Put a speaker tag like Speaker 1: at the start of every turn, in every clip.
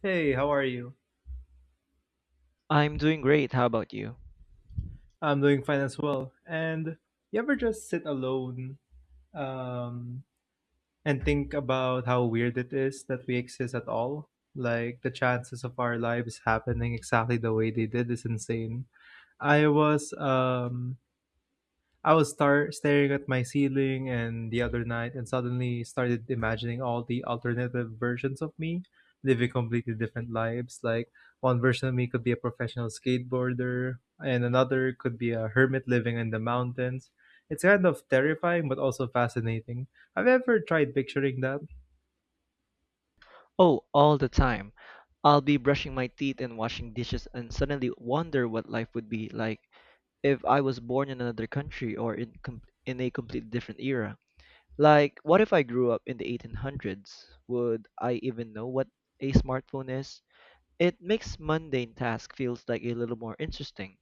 Speaker 1: Hey, how are you?
Speaker 2: I'm doing great. How about you?
Speaker 1: I'm doing fine as well. And you ever just sit alone um, and think about how weird it is that we exist at all? Like the chances of our lives happening exactly the way they did is insane. I was staring at my ceiling and the other night and suddenly started imagining all the alternative versions of me living completely different lives. Like one version of me could be a professional skateboarder and another could be a hermit living in the mountains. It's kind of terrifying but also fascinating. Have you ever tried picturing that?
Speaker 2: Oh, all the time. I'll be brushing my teeth and washing dishes and suddenly wonder what life would be like if I was born in another country or in a completely different era. Like, what if I grew up in the 1800s? Would I even know what a smartphone is? It makes mundane tasks feels like a little more interesting.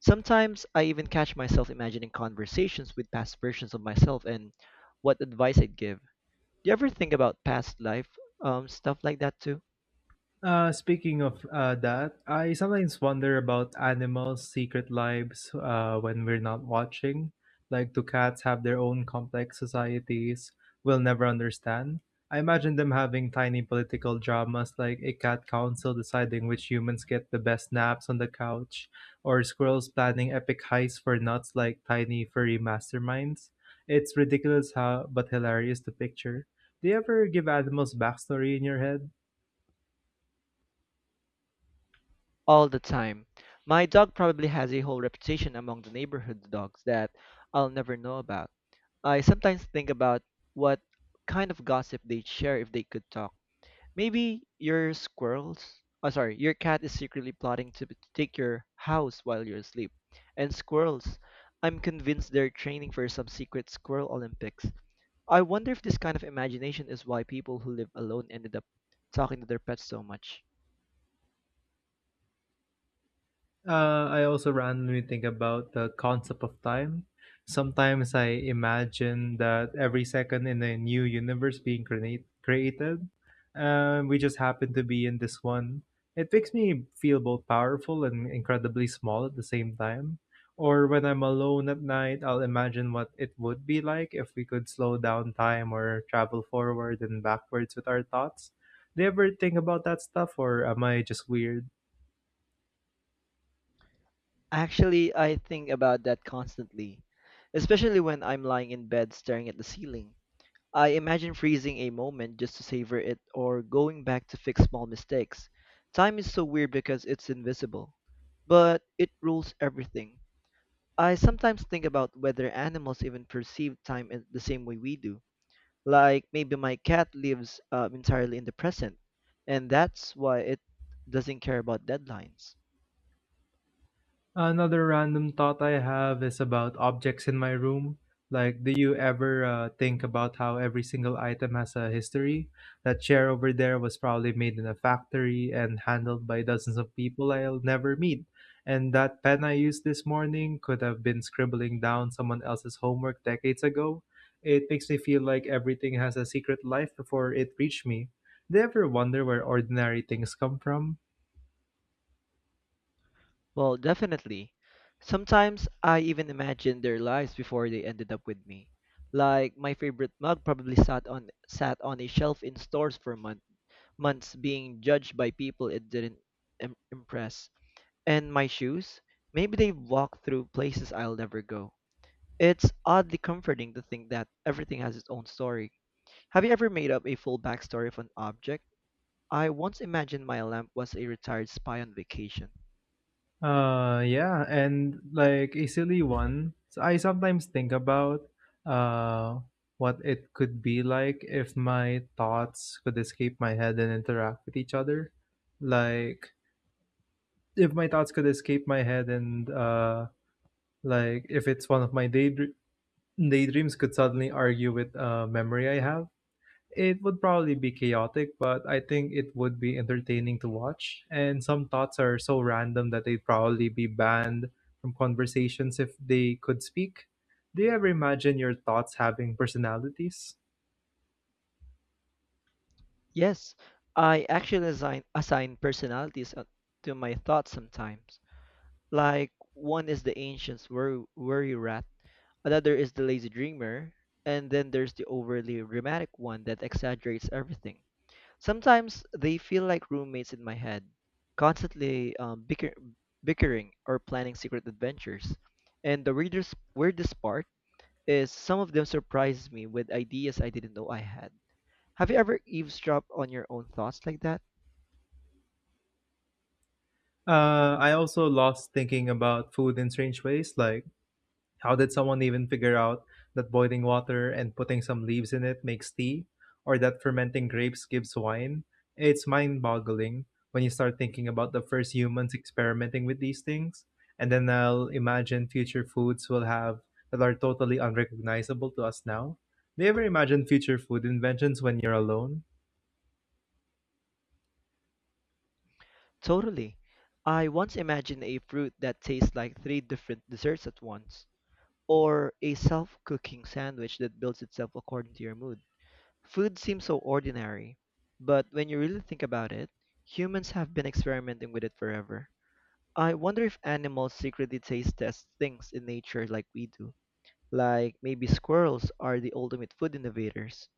Speaker 2: Sometimes I even catch myself imagining conversations with past versions of myself and what advice I'd give. Do you ever think about past life, stuff like that too?
Speaker 1: Speaking of that, I sometimes wonder about animals' secret lives when we're not watching. Like, do cats have their own complex societies we'll never understand? I imagine them having tiny political dramas like a cat council deciding which humans get the best naps on the couch, or squirrels planning epic heists for nuts like tiny furry masterminds. It's ridiculous how, but hilarious to picture. Do you ever give animals backstory in your head?
Speaker 2: All the time. My dog probably has a whole reputation among the neighborhood dogs that I'll never know about. I sometimes think about what kind of gossip they'd share if they could talk. Maybe your squirrels, oh sorry, your cat is secretly plotting to take your house while you're asleep. And squirrels, I'm convinced they're training for some secret squirrel Olympics. I wonder if this kind of imagination is why people who live alone ended up talking to their pets so much.
Speaker 1: I also randomly think about the concept of time. Sometimes I imagine that every second in a new universe being created, we just happen to be in this one. It makes me feel both powerful and incredibly small at the same time. Or when I'm alone at night, I'll imagine what it would be like if we could slow down time or travel forward and backwards with our thoughts. Do you ever think about that stuff, or am I just weird?
Speaker 2: Actually, I think about that constantly, especially when I'm lying in bed staring at the ceiling. I imagine freezing a moment just to savor it or going back to fix small mistakes. Time is so weird because it's invisible, but it rules everything. I sometimes think about whether animals even perceive time in the same way we do. Like maybe my cat lives entirely in the present, and that's why it doesn't care about deadlines.
Speaker 1: Another random thought I have is about objects in my room. Like, do you ever think about how every single item has a history? That chair over there was probably made in a factory and handled by dozens of people I'll never meet. And that pen I used this morning could have been scribbling down someone else's homework decades ago. It makes me feel like everything has a secret life before it reached me. Do you ever wonder where ordinary things come from?
Speaker 2: Well, definitely. Sometimes I even imagine their lives before they ended up with me. Like my favorite mug probably sat on a shelf in stores for months, being judged by people it didn't impress. And my shoes? Maybe they've walked through places I'll never go. It's oddly comforting to think that everything has its own story. Have you ever made up a full backstory of an object? I once imagined my lamp was a retired spy on vacation.
Speaker 1: Yeah, and like a silly one, so I sometimes think about uh what it could be like if my thoughts could escape my head and interact with each other. Like if my thoughts could escape my head and like if it's one of my daydreams could suddenly argue with a memory I have. It would probably be chaotic, but I think it would be entertaining to watch. And some thoughts are so random that they'd probably be banned from conversations if they could speak. Do you ever imagine your thoughts having personalities?
Speaker 2: Yes, I actually assign personalities to my thoughts sometimes. Like one is the ancient's worry rat, another is the lazy dreamer, and then there's the overly dramatic one that exaggerates everything. Sometimes they feel like roommates in my head, constantly bickering or planning secret adventures. And the weirdest part is some of them surprise me with ideas I didn't know I had. Have you ever eavesdropped on your own thoughts like that?
Speaker 1: I also lost thinking about food in strange ways, like how did someone even figure out that boiling water and putting some leaves in it makes tea, or that fermenting grapes gives wine? It's mind boggling when you start thinking about the first humans experimenting with these things. And then I'll imagine future foods we'll have that are totally unrecognizable to us now. Do you ever imagine future food inventions when you're alone?
Speaker 2: Totally. I once imagined a fruit that tastes like three different desserts at once, or a self cooking sandwich that builds itself according to your mood. Food seems so ordinary, but when you really think about it, humans have been experimenting with it forever. I wonder if animals secretly taste test things in nature like we do. Like maybe squirrels are the ultimate food innovators.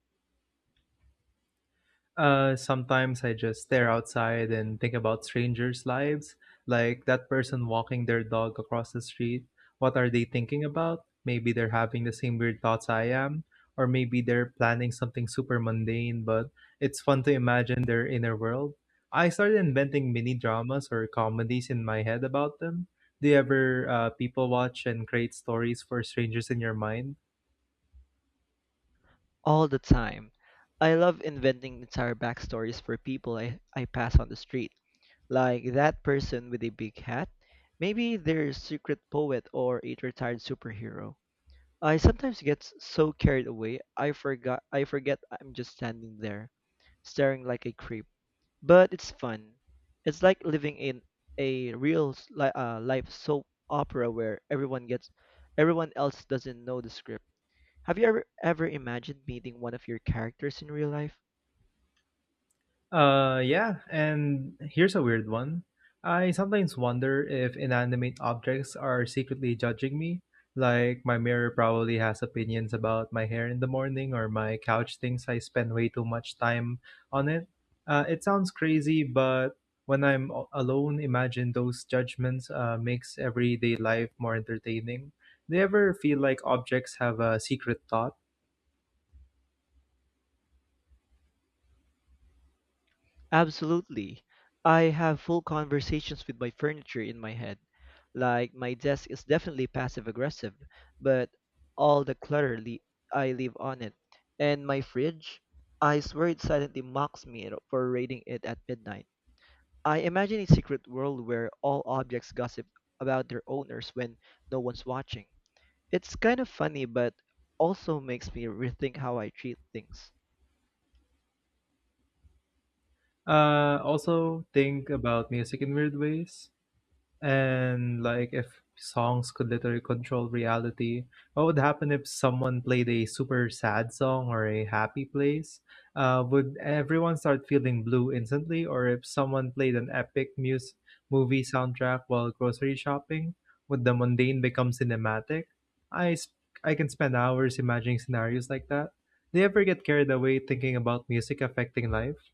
Speaker 1: Sometimes I just stare outside and think about strangers' lives, like that person walking their dog across the street. What are they thinking about? Maybe they're having the same weird thoughts I am, or maybe they're planning something super mundane, but it's fun to imagine their inner world. I started inventing mini dramas or comedies in my head about them. Do you ever people watch and create stories for strangers in your mind?
Speaker 2: All the time. I love inventing entire backstories for people I pass on the street. Like that person with a big hat? Maybe they're a secret poet or a retired superhero. I sometimes get so carried away I forget I'm just standing there, staring like a creep. But it's fun. It's like living in a real life soap opera where everyone else doesn't know the script. Have you ever imagined meeting one of your characters in real life?
Speaker 1: Yeah, and here's a weird one. I sometimes wonder if inanimate objects are secretly judging me. Like, my mirror probably has opinions about my hair in the morning, or my couch thinks I spend way too much time on it. It sounds crazy, but when alone, imagine those judgments makes everyday life more entertaining. Do you ever feel like objects have a secret thought?
Speaker 2: Absolutely. I have full conversations with my furniture in my head. Like my desk is definitely passive aggressive, but all the clutter I leave on it. And my fridge, I swear it silently mocks me for raiding it at midnight. I imagine a secret world where all objects gossip about their owners when no one's watching. It's kind of funny, but also makes me rethink how I treat things.
Speaker 1: Also, think about music in weird ways. And like if songs could literally control reality, what would happen if someone played a super sad song or a happy place? Would everyone start feeling blue instantly? Or if someone played an epic mus movie soundtrack while grocery shopping, would the mundane become cinematic? I sp- I can spend hours imagining scenarios like that. Do you ever get carried away thinking about music affecting life?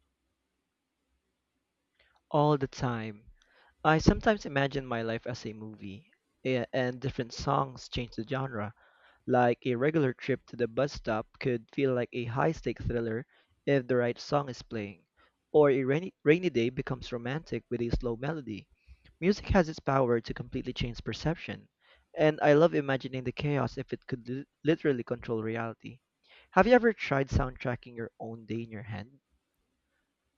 Speaker 2: All the time. I sometimes imagine my life as a movie, and different songs change the genre. Like a regular trip to the bus stop could feel like a high-stakes thriller if the right song is playing, or a rainy, rainy day becomes romantic with a slow melody. Music has its power to completely change perception, and I love imagining the chaos if it could literally control reality. Have you ever tried soundtracking your own day in your head?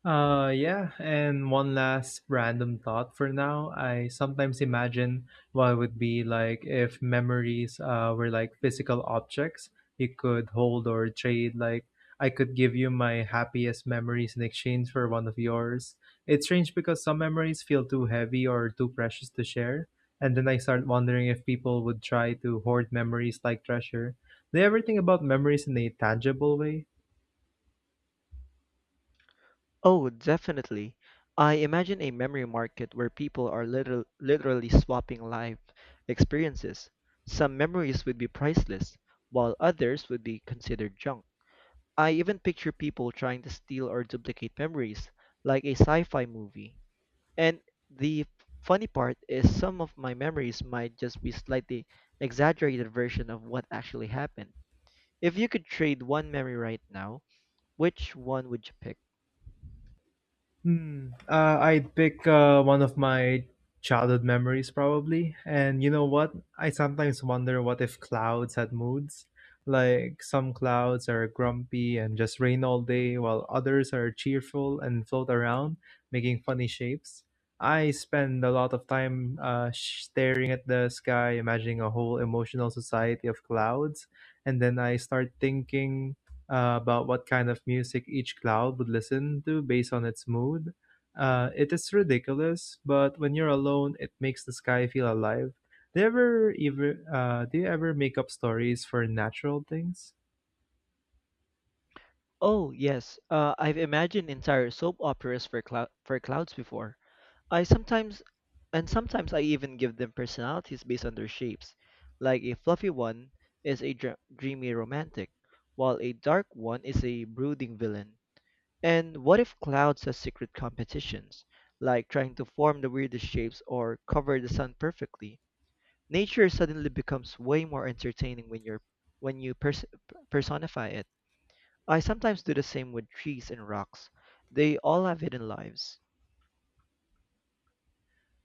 Speaker 1: Yeah, and one last random thought for now. I sometimes imagine what it would be like if memories were like physical objects you could hold or trade. Like, I could give you my happiest memories in exchange for one of yours. It's strange because some memories feel too heavy or too precious to share. And then I start wondering if people would try to hoard memories like treasure. Do you ever think about memories in a tangible way?
Speaker 2: Oh, definitely. I imagine a memory market where people are literally swapping life experiences. Some memories would be priceless, while others would be considered junk. I even picture people trying to steal or duplicate memories, like a sci fi movie. And the funny part is, some of my memories might just be slightly exaggerated version of what actually happened. If you could trade one memory right now, which one would you pick?
Speaker 1: Hmm. I'd pick one of my childhood memories, probably. And you know what? I sometimes wonder what if clouds had moods? Like some clouds are grumpy and just rain all day, while others are cheerful and float around, making funny shapes. I spend a lot of time staring at the sky, imagining a whole emotional society of clouds, and then I start thinking about what kind of music each cloud would listen to based on its mood. It is ridiculous, but when you're alone, it makes the sky feel alive. Do you ever make up stories for natural things?
Speaker 2: Oh, yes. I've imagined entire soap operas for clouds before. I sometimes, and sometimes I even give them personalities based on their shapes. Like a fluffy one is a dr dreamy romantic, while a dark one is a brooding villain. And what if clouds have secret competitions, like trying to form the weirdest shapes or cover the sun perfectly? Nature suddenly becomes way more entertaining when you're when you pers personify it. I sometimes do the same with trees and rocks. They all have hidden lives.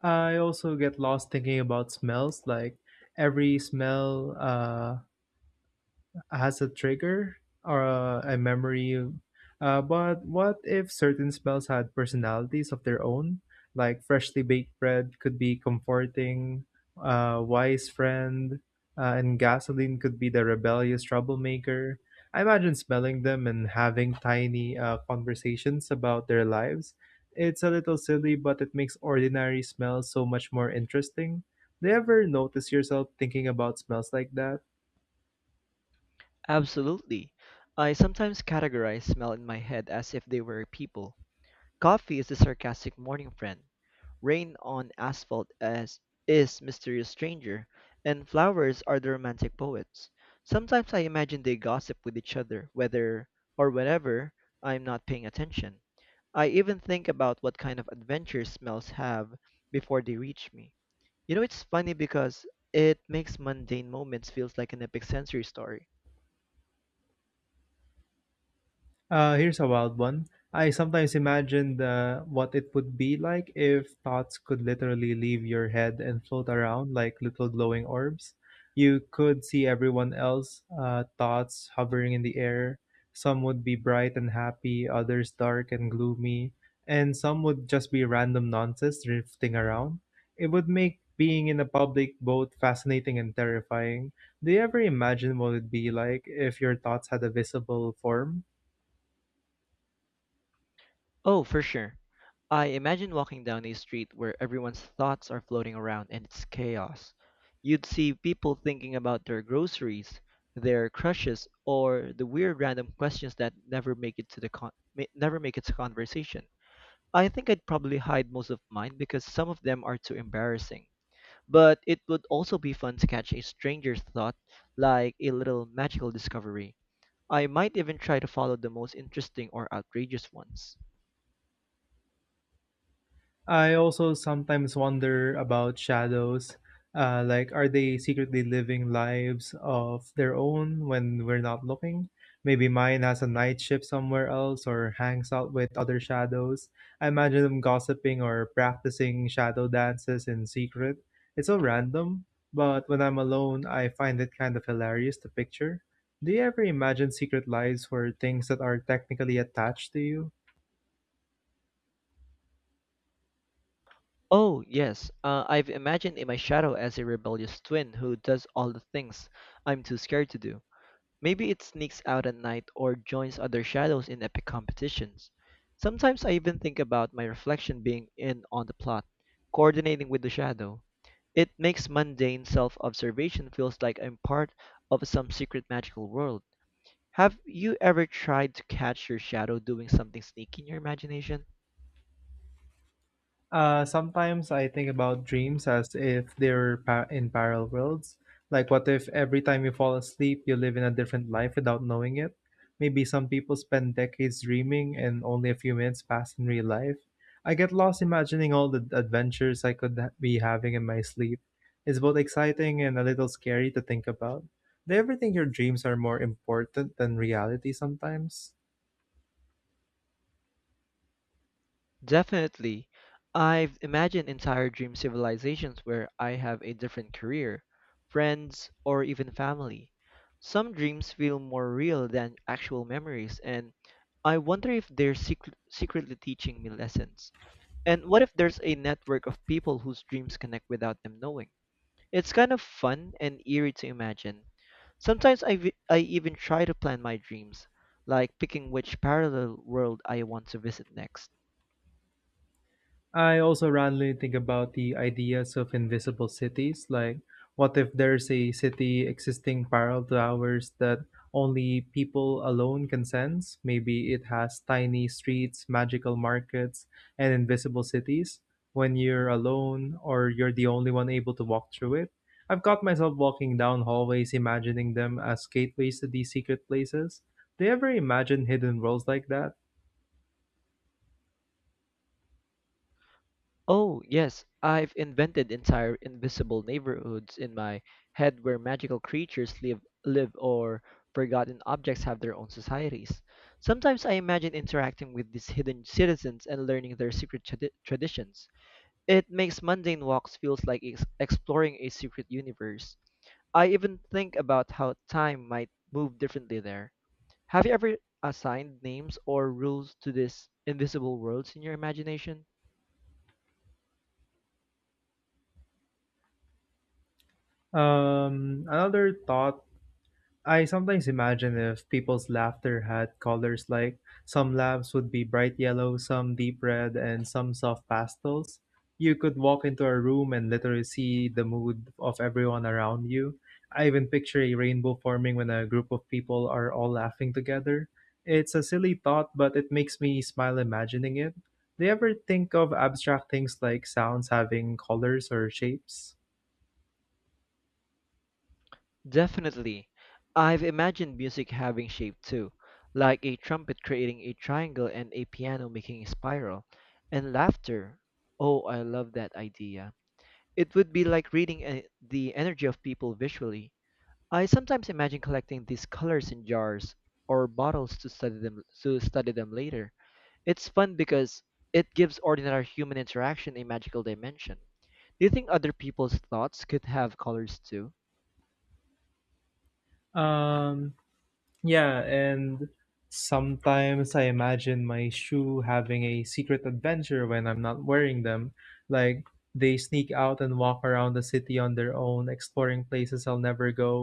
Speaker 1: I also get lost thinking about smells, like every smell. Has a trigger or a memory. But what if certain smells had personalities of their own? Like freshly baked bread could be comforting, wise friend, and gasoline could be the rebellious troublemaker. I imagine smelling them and having tiny conversations about their lives. It's a little silly, but it makes ordinary smells so much more interesting. Do you ever notice yourself thinking about smells like that?
Speaker 2: Absolutely. I sometimes categorize smell in my head as if they were people. Coffee is the sarcastic morning friend. Rain on asphalt as is mysterious stranger, and flowers are the romantic poets. Sometimes I imagine they gossip with each other, whether or whenever I'm not paying attention. I even think about what kind of adventure smells have before they reach me. You know, it's funny because it makes mundane moments feels like an epic sensory story.
Speaker 1: Here's a wild one. I sometimes imagine what it would be like if thoughts could literally leave your head and float around like little glowing orbs. You could see everyone else' thoughts hovering in the air. Some would be bright and happy, others dark and gloomy, and some would just be random nonsense drifting around. It would make being in a public both fascinating and terrifying. Do you ever imagine what it'd be like if your thoughts had a visible form?
Speaker 2: Oh, for sure. I imagine walking down a street where everyone's thoughts are floating around and it's chaos. You'd see people thinking about their groceries, their crushes, or the weird random questions that never make it to the con- ma- never make it to conversation. I think I'd probably hide most of mine because some of them are too embarrassing. But it would also be fun to catch a stranger's thought, like a little magical discovery. I might even try to follow the most interesting or outrageous ones.
Speaker 1: I also sometimes wonder about shadows. Like, are they secretly living lives of their own when we're not looking? Maybe mine has a night shift somewhere else or hangs out with other shadows. I imagine them gossiping or practicing shadow dances in secret. It's so random, but when I'm alone, I find it kind of hilarious to picture. Do you ever imagine secret lives for things that are technically attached to you?
Speaker 2: Oh, yes, I've imagined in my shadow as a rebellious twin who does all the things I'm too scared to do. Maybe it sneaks out at night or joins other shadows in epic competitions. Sometimes I even think about my reflection being in on the plot, coordinating with the shadow. It makes mundane self-observation feels like I'm part of some secret magical world. Have you ever tried to catch your shadow doing something sneaky in your imagination?
Speaker 1: Sometimes I think about dreams as if in parallel worlds. Like, what if every time you fall asleep, you live in a different life without knowing it? Maybe some people spend decades dreaming and only a few minutes pass in real life. I get lost imagining all the adventures be having in my sleep. It's both exciting and a little scary to think about. Do you ever think your dreams are more important than reality sometimes?
Speaker 2: Definitely. I've imagined entire dream civilizations where I have a different career, friends, or even family. Some dreams feel more real than actual memories, and I wonder if they're secretly teaching me lessons. And what if there's a network of people whose dreams connect without them knowing? It's kind of fun and eerie to imagine. Sometimes I even try to plan my dreams, like picking which parallel world I want to visit next.
Speaker 1: I also randomly think about the ideas of invisible cities. Like, what if there's a city existing parallel to ours that only people alone can sense? Maybe it has tiny streets, magical markets, and invisible cities. When you're alone or you're the only one able to walk through it, I've caught myself walking down hallways imagining them as gateways to these secret places. Do you ever imagine hidden worlds like that?
Speaker 2: Oh, yes, I've invented entire invisible neighborhoods in my head where magical creatures live or forgotten objects have their own societies. Sometimes I imagine interacting with these hidden citizens and learning their secret traditions. It makes mundane walks feels like exploring a secret universe. I even think about how time might move differently there. Have you ever assigned names or rules to these invisible worlds in your imagination?
Speaker 1: Another thought, I sometimes imagine if people's laughter had colors like some laughs would be bright yellow, some deep red, and some soft pastels. You could walk into a room and literally see the mood of everyone around you. I even picture a rainbow forming when a group of people are all laughing together. It's a silly thought, but it makes me smile imagining it. Do you ever think of abstract things like sounds having colors or shapes?
Speaker 2: Definitely. I've imagined music having shape too, like a trumpet creating a triangle and a piano making a spiral. And laughter. Oh, I love that idea. It would be like reading the energy of people visually. I sometimes imagine collecting these colors in jars or bottles to study them later. It's fun because it gives ordinary human interaction a magical dimension. Do you think other people's thoughts could have colors too?
Speaker 1: Um, Yeah, and sometimes I imagine my shoe having a secret adventure when I'm not wearing them. Like they sneak out and walk around the city on their own, exploring places I'll never go.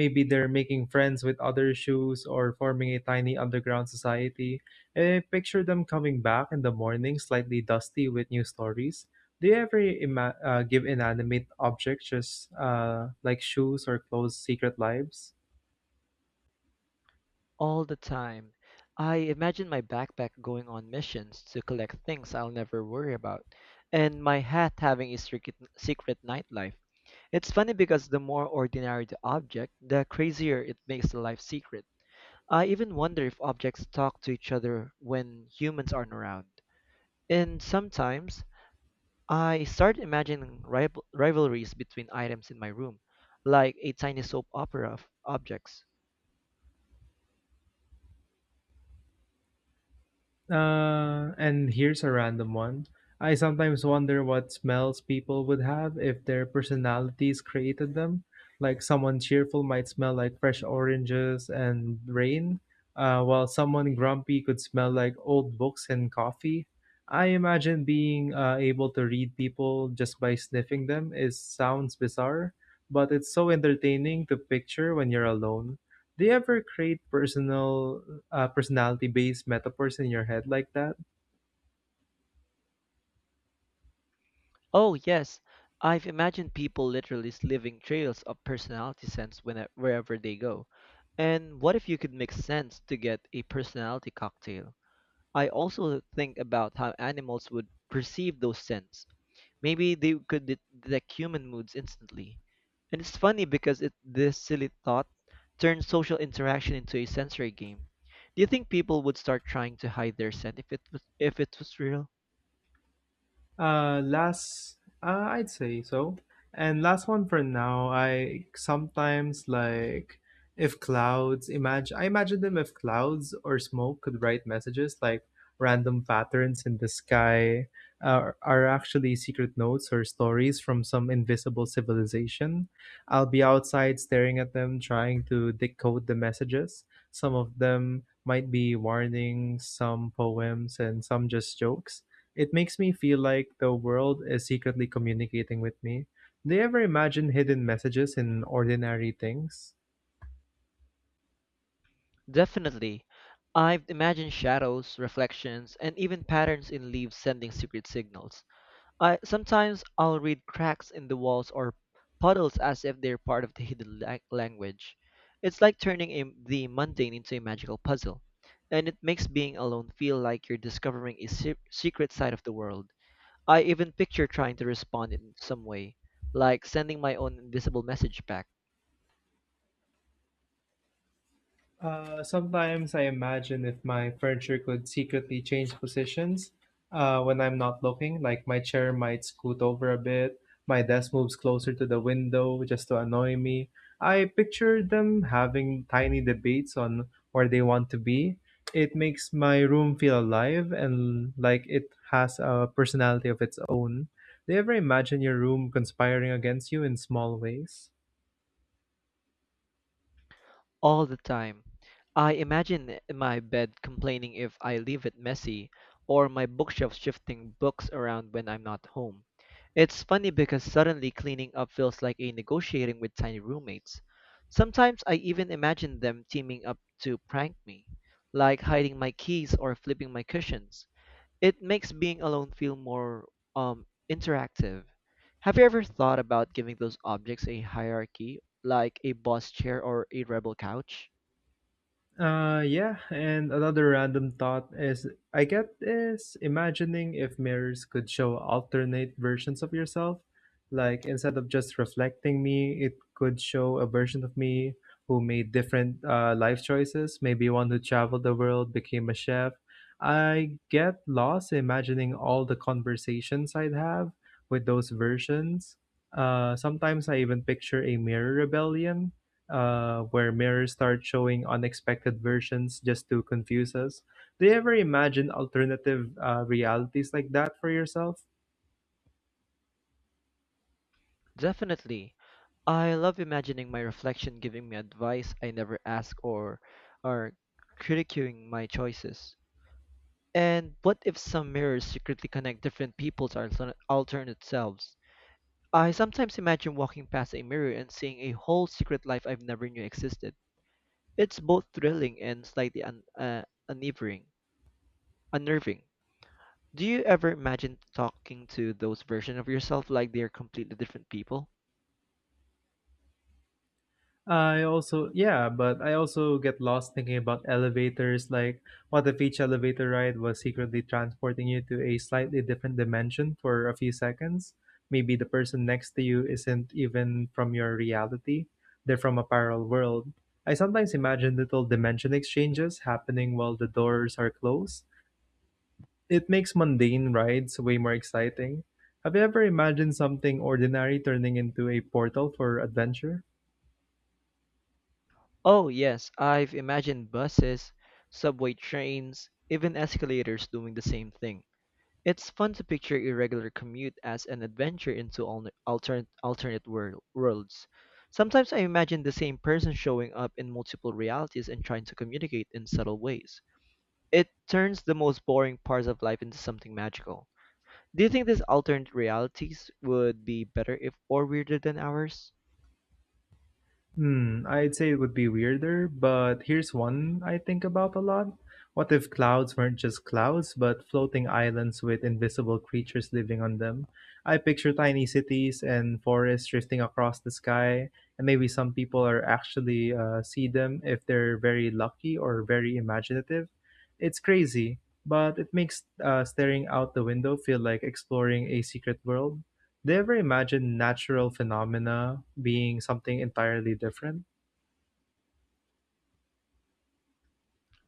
Speaker 1: Maybe they're making friends with other shoes or forming a tiny underground society. And I picture them coming back in the morning, slightly dusty with new stories. Do you ever give inanimate objects, just like shoes or clothes, secret lives?
Speaker 2: All the time. I imagine my backpack going on missions to collect things I'll never worry about, and my hat having a secret nightlife. It's funny because the more ordinary the object, the crazier it makes the life secret. I even wonder if objects talk to each other when humans aren't around. And sometimes I start imagining rivalries between items in my room, like a tiny soap opera of objects.
Speaker 1: And here's a random one. I sometimes wonder what smells people would have if their personalities created them. Like someone cheerful might smell like fresh oranges and rain, while someone grumpy could smell like old books and coffee. I imagine being able to read people just by sniffing them is sounds bizarre, but it's so entertaining to picture when you're alone. Do you ever create personal personality based metaphors in your head like that?
Speaker 2: Oh, yes. I've imagined people literally leaving trails of personality scents wherever they go. And what if you could mix scents to get a personality cocktail? I also think about how animals would perceive those scents. Maybe they could detect human moods instantly. And it's funny because this silly thought turns social interaction into a sensory game. Do you think people would start trying to hide their scent if it was real?
Speaker 1: Uh, last, I'd say so. And last one for now. I sometimes like if clouds imagine. I imagine them if clouds or smoke could write messages like random patterns in the sky are actually secret notes or stories from some invisible civilization. I'll be outside staring at them, trying to decode the messages. Some of them might be warnings, some poems, and some just jokes it makes me feel like the world is secretly communicating with me. Do you ever imagine hidden messages in ordinary things?
Speaker 2: Definitely. I've imagined shadows, reflections, and even patterns in leaves sending secret signals. I sometimes I'll read cracks in the walls or puddles as if they're part of the hidden language. It's like turning the mundane into a magical puzzle, and it makes being alone feel like you're discovering a secret side of the world. I even picture trying to respond in some way, like sending my own invisible message back.
Speaker 1: Sometimes I imagine if my furniture could secretly change positions when I'm not looking, like my chair might scoot over a bit, my desk moves closer to the window just to annoy me. I picture them having tiny debates on where they want to be. It makes my room feel alive and like it has a personality of its own. Do you ever imagine your room conspiring against you in small ways?
Speaker 2: All the time. I imagine my bed complaining if I leave it messy, or my bookshelf shifting books around when I'm not home. It's funny because suddenly cleaning up feels like a negotiating with tiny roommates. Sometimes I even imagine them teaming up to prank me, like hiding my keys or flipping my cushions. It makes being alone feel more interactive. Have you ever thought about giving those objects a hierarchy, like a boss chair or a rebel couch?
Speaker 1: Yeah, and another random thought is I get is imagining if mirrors could show alternate versions of yourself. Like instead of just reflecting me, it could show a version of me who made different life choices. Maybe one who traveled the world, became a chef. I get lost imagining all the conversations I'd have with those versions. Sometimes I even picture a mirror rebellion where mirrors start showing unexpected versions just to confuse us. Do you ever imagine alternative realities like that for yourself?
Speaker 2: Definitely. I love imagining my reflection giving me advice I never ask or critiquing my choices. And what if some mirrors secretly connect different people to our alternate selves? I sometimes imagine walking past a mirror and seeing a whole secret life I've never knew existed. It's both thrilling and slightly un unnerving. Unnerving. Do you ever imagine talking to those versions of yourself like they're completely different people?
Speaker 1: I also, yeah, but I also get lost thinking about elevators. Like, what if each elevator ride was secretly transporting you to a slightly different dimension for a few seconds? Maybe the person next to you isn't even from your reality, they're from a parallel world. I sometimes imagine little dimension exchanges happening while the doors are closed. It makes mundane rides way more exciting. Have you ever imagined something ordinary turning into a portal for adventure?
Speaker 2: Oh, yes, I've imagined buses, subway trains, even escalators doing the same thing. It's fun to picture irregular commute as an adventure into al alternate alternate world worlds. Sometimes I imagine the same person showing up in multiple realities and trying to communicate in subtle ways. It turns the most boring parts of life into something magical. Do you think these alternate realities would be better if or weirder than ours?
Speaker 1: I'd say it would be weirder, but here's one I think about a lot. What if clouds weren't just clouds, but floating islands with invisible creatures living on them? I picture tiny cities and forests drifting across the sky, and maybe some people are actually see them if they're very lucky or very imaginative. It's crazy, but it makes staring out the window feel like exploring a secret world. Do you ever imagine natural phenomena being something entirely different?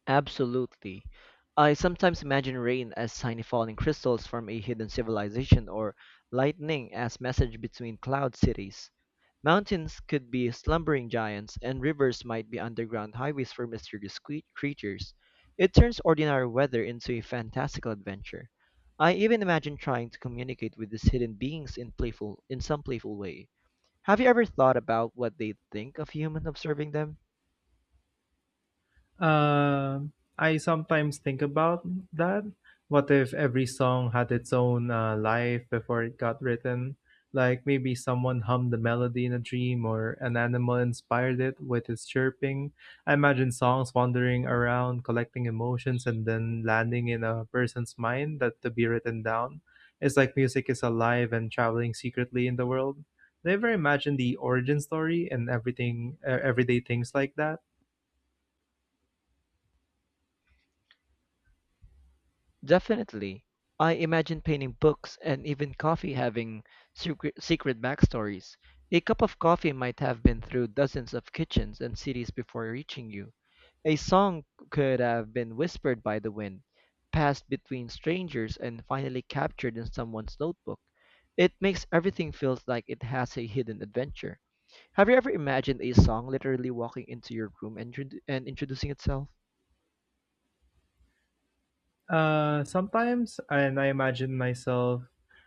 Speaker 2: Absolutely. I sometimes imagine rain as tiny falling crystals from a hidden civilization or lightning as message between cloud cities. Mountains could be slumbering giants, and rivers might be underground highways for mysterious creatures. It turns ordinary weather into a fantastical adventure. I even imagine trying to communicate with these hidden beings in some playful way. Have you ever thought about what they think of human observing them?
Speaker 1: Uh, I sometimes think about that. What if every song had its own life before it got written? Like maybe someone hummed the melody in a dream or an animal inspired it with its chirping. I imagine songs wandering around, collecting emotions, and then landing in a person's mind that to be written down. It's like music is alive and traveling secretly in the world. Do you ever imagine the origin story and everything, everyday things like that?
Speaker 2: Definitely. I imagine painting books and even coffee having secret backstories. A cup of coffee might have been through dozens of kitchens and cities before reaching you. A song could have been whispered by the wind, passed between strangers, and finally captured in someone's notebook. It makes everything feel like it has a hidden adventure. Have you ever imagined a song literally walking into your room and, and introducing itself?
Speaker 1: Sometimes, and I imagine myself,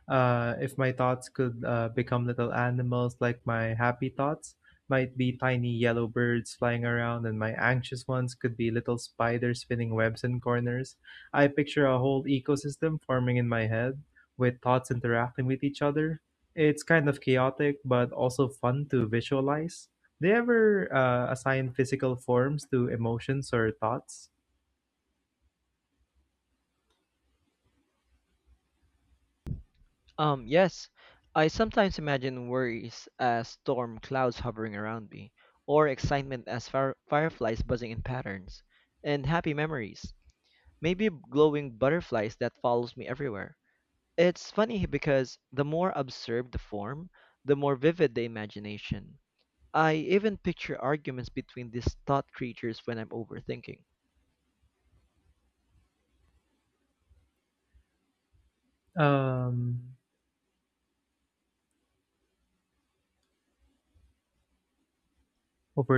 Speaker 1: if my thoughts could become little animals like my happy thoughts might be tiny yellow birds flying around, and my anxious ones could be little spiders spinning webs in corners. I picture a whole ecosystem forming in my head with thoughts interacting with each other. It's kind of chaotic, but also fun to visualize. Do you ever assign physical forms to emotions or thoughts?
Speaker 2: Yes, I sometimes imagine worries as storm clouds hovering around me, or excitement as fireflies buzzing in patterns, and happy memories, maybe glowing butterflies that follows me everywhere. It's funny because the more absurd the form, the more vivid the imagination. I even picture arguments between these thought creatures when I'm overthinking.
Speaker 1: Um,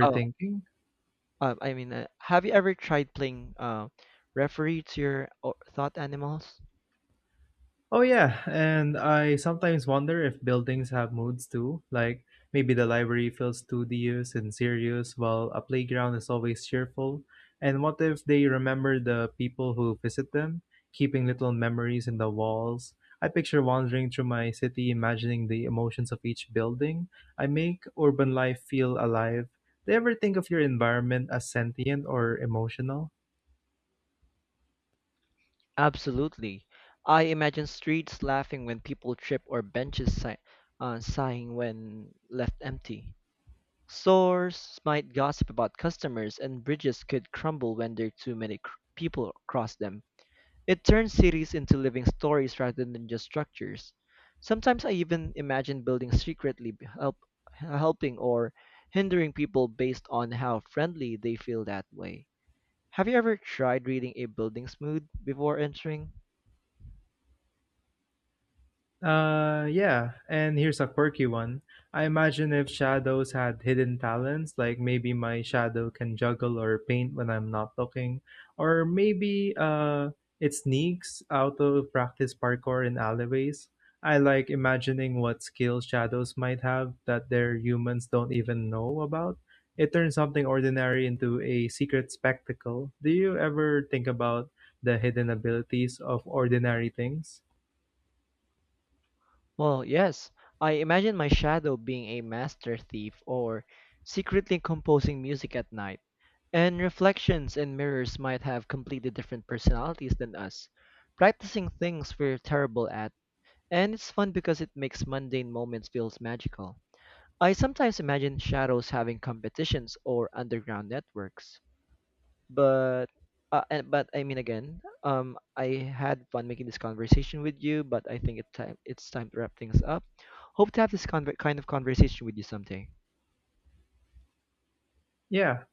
Speaker 2: Oh, I mean, have you ever tried playing referee to your thought animals?
Speaker 1: Oh, yeah. And I sometimes wonder if buildings have moods too. Like maybe the library feels studious and serious, while a playground is always cheerful. And what if they remember the people who visit them, keeping little memories in the walls? I picture wandering through my city, imagining the emotions of each building. I make urban life feel alive. Do you ever think of your environment as sentient or emotional?
Speaker 2: Absolutely. I imagine streets laughing when people trip or benches sighing when left empty. Stores might gossip about customers, and bridges could crumble when there are too many people cross them. It turns cities into living stories rather than just structures. Sometimes I even imagine buildings secretly helping or hindering people based on how friendly they feel that way. Have you ever tried reading a building's mood before entering?
Speaker 1: Yeah, and here's a quirky one. I imagine if shadows had hidden talents, like maybe my shadow can juggle or paint when I'm not looking, or maybe it sneaks out of practice parkour in alleyways. I like imagining what skills shadows might have that their humans don't even know about. It turns something ordinary into a secret spectacle. Do you ever think about the hidden abilities of ordinary things?
Speaker 2: Well, yes, I imagine my shadow being a master thief or secretly composing music at night. And reflections and mirrors might have completely different personalities than us, practicing things we're terrible at, and it's fun because it makes mundane moments feel magical. I sometimes imagine shadows having competitions or underground networks. But but I mean again, I had fun making this conversation with you, but I think it's time to wrap things up. Hope to have this conver kind of conversation with you someday.
Speaker 1: Yeah,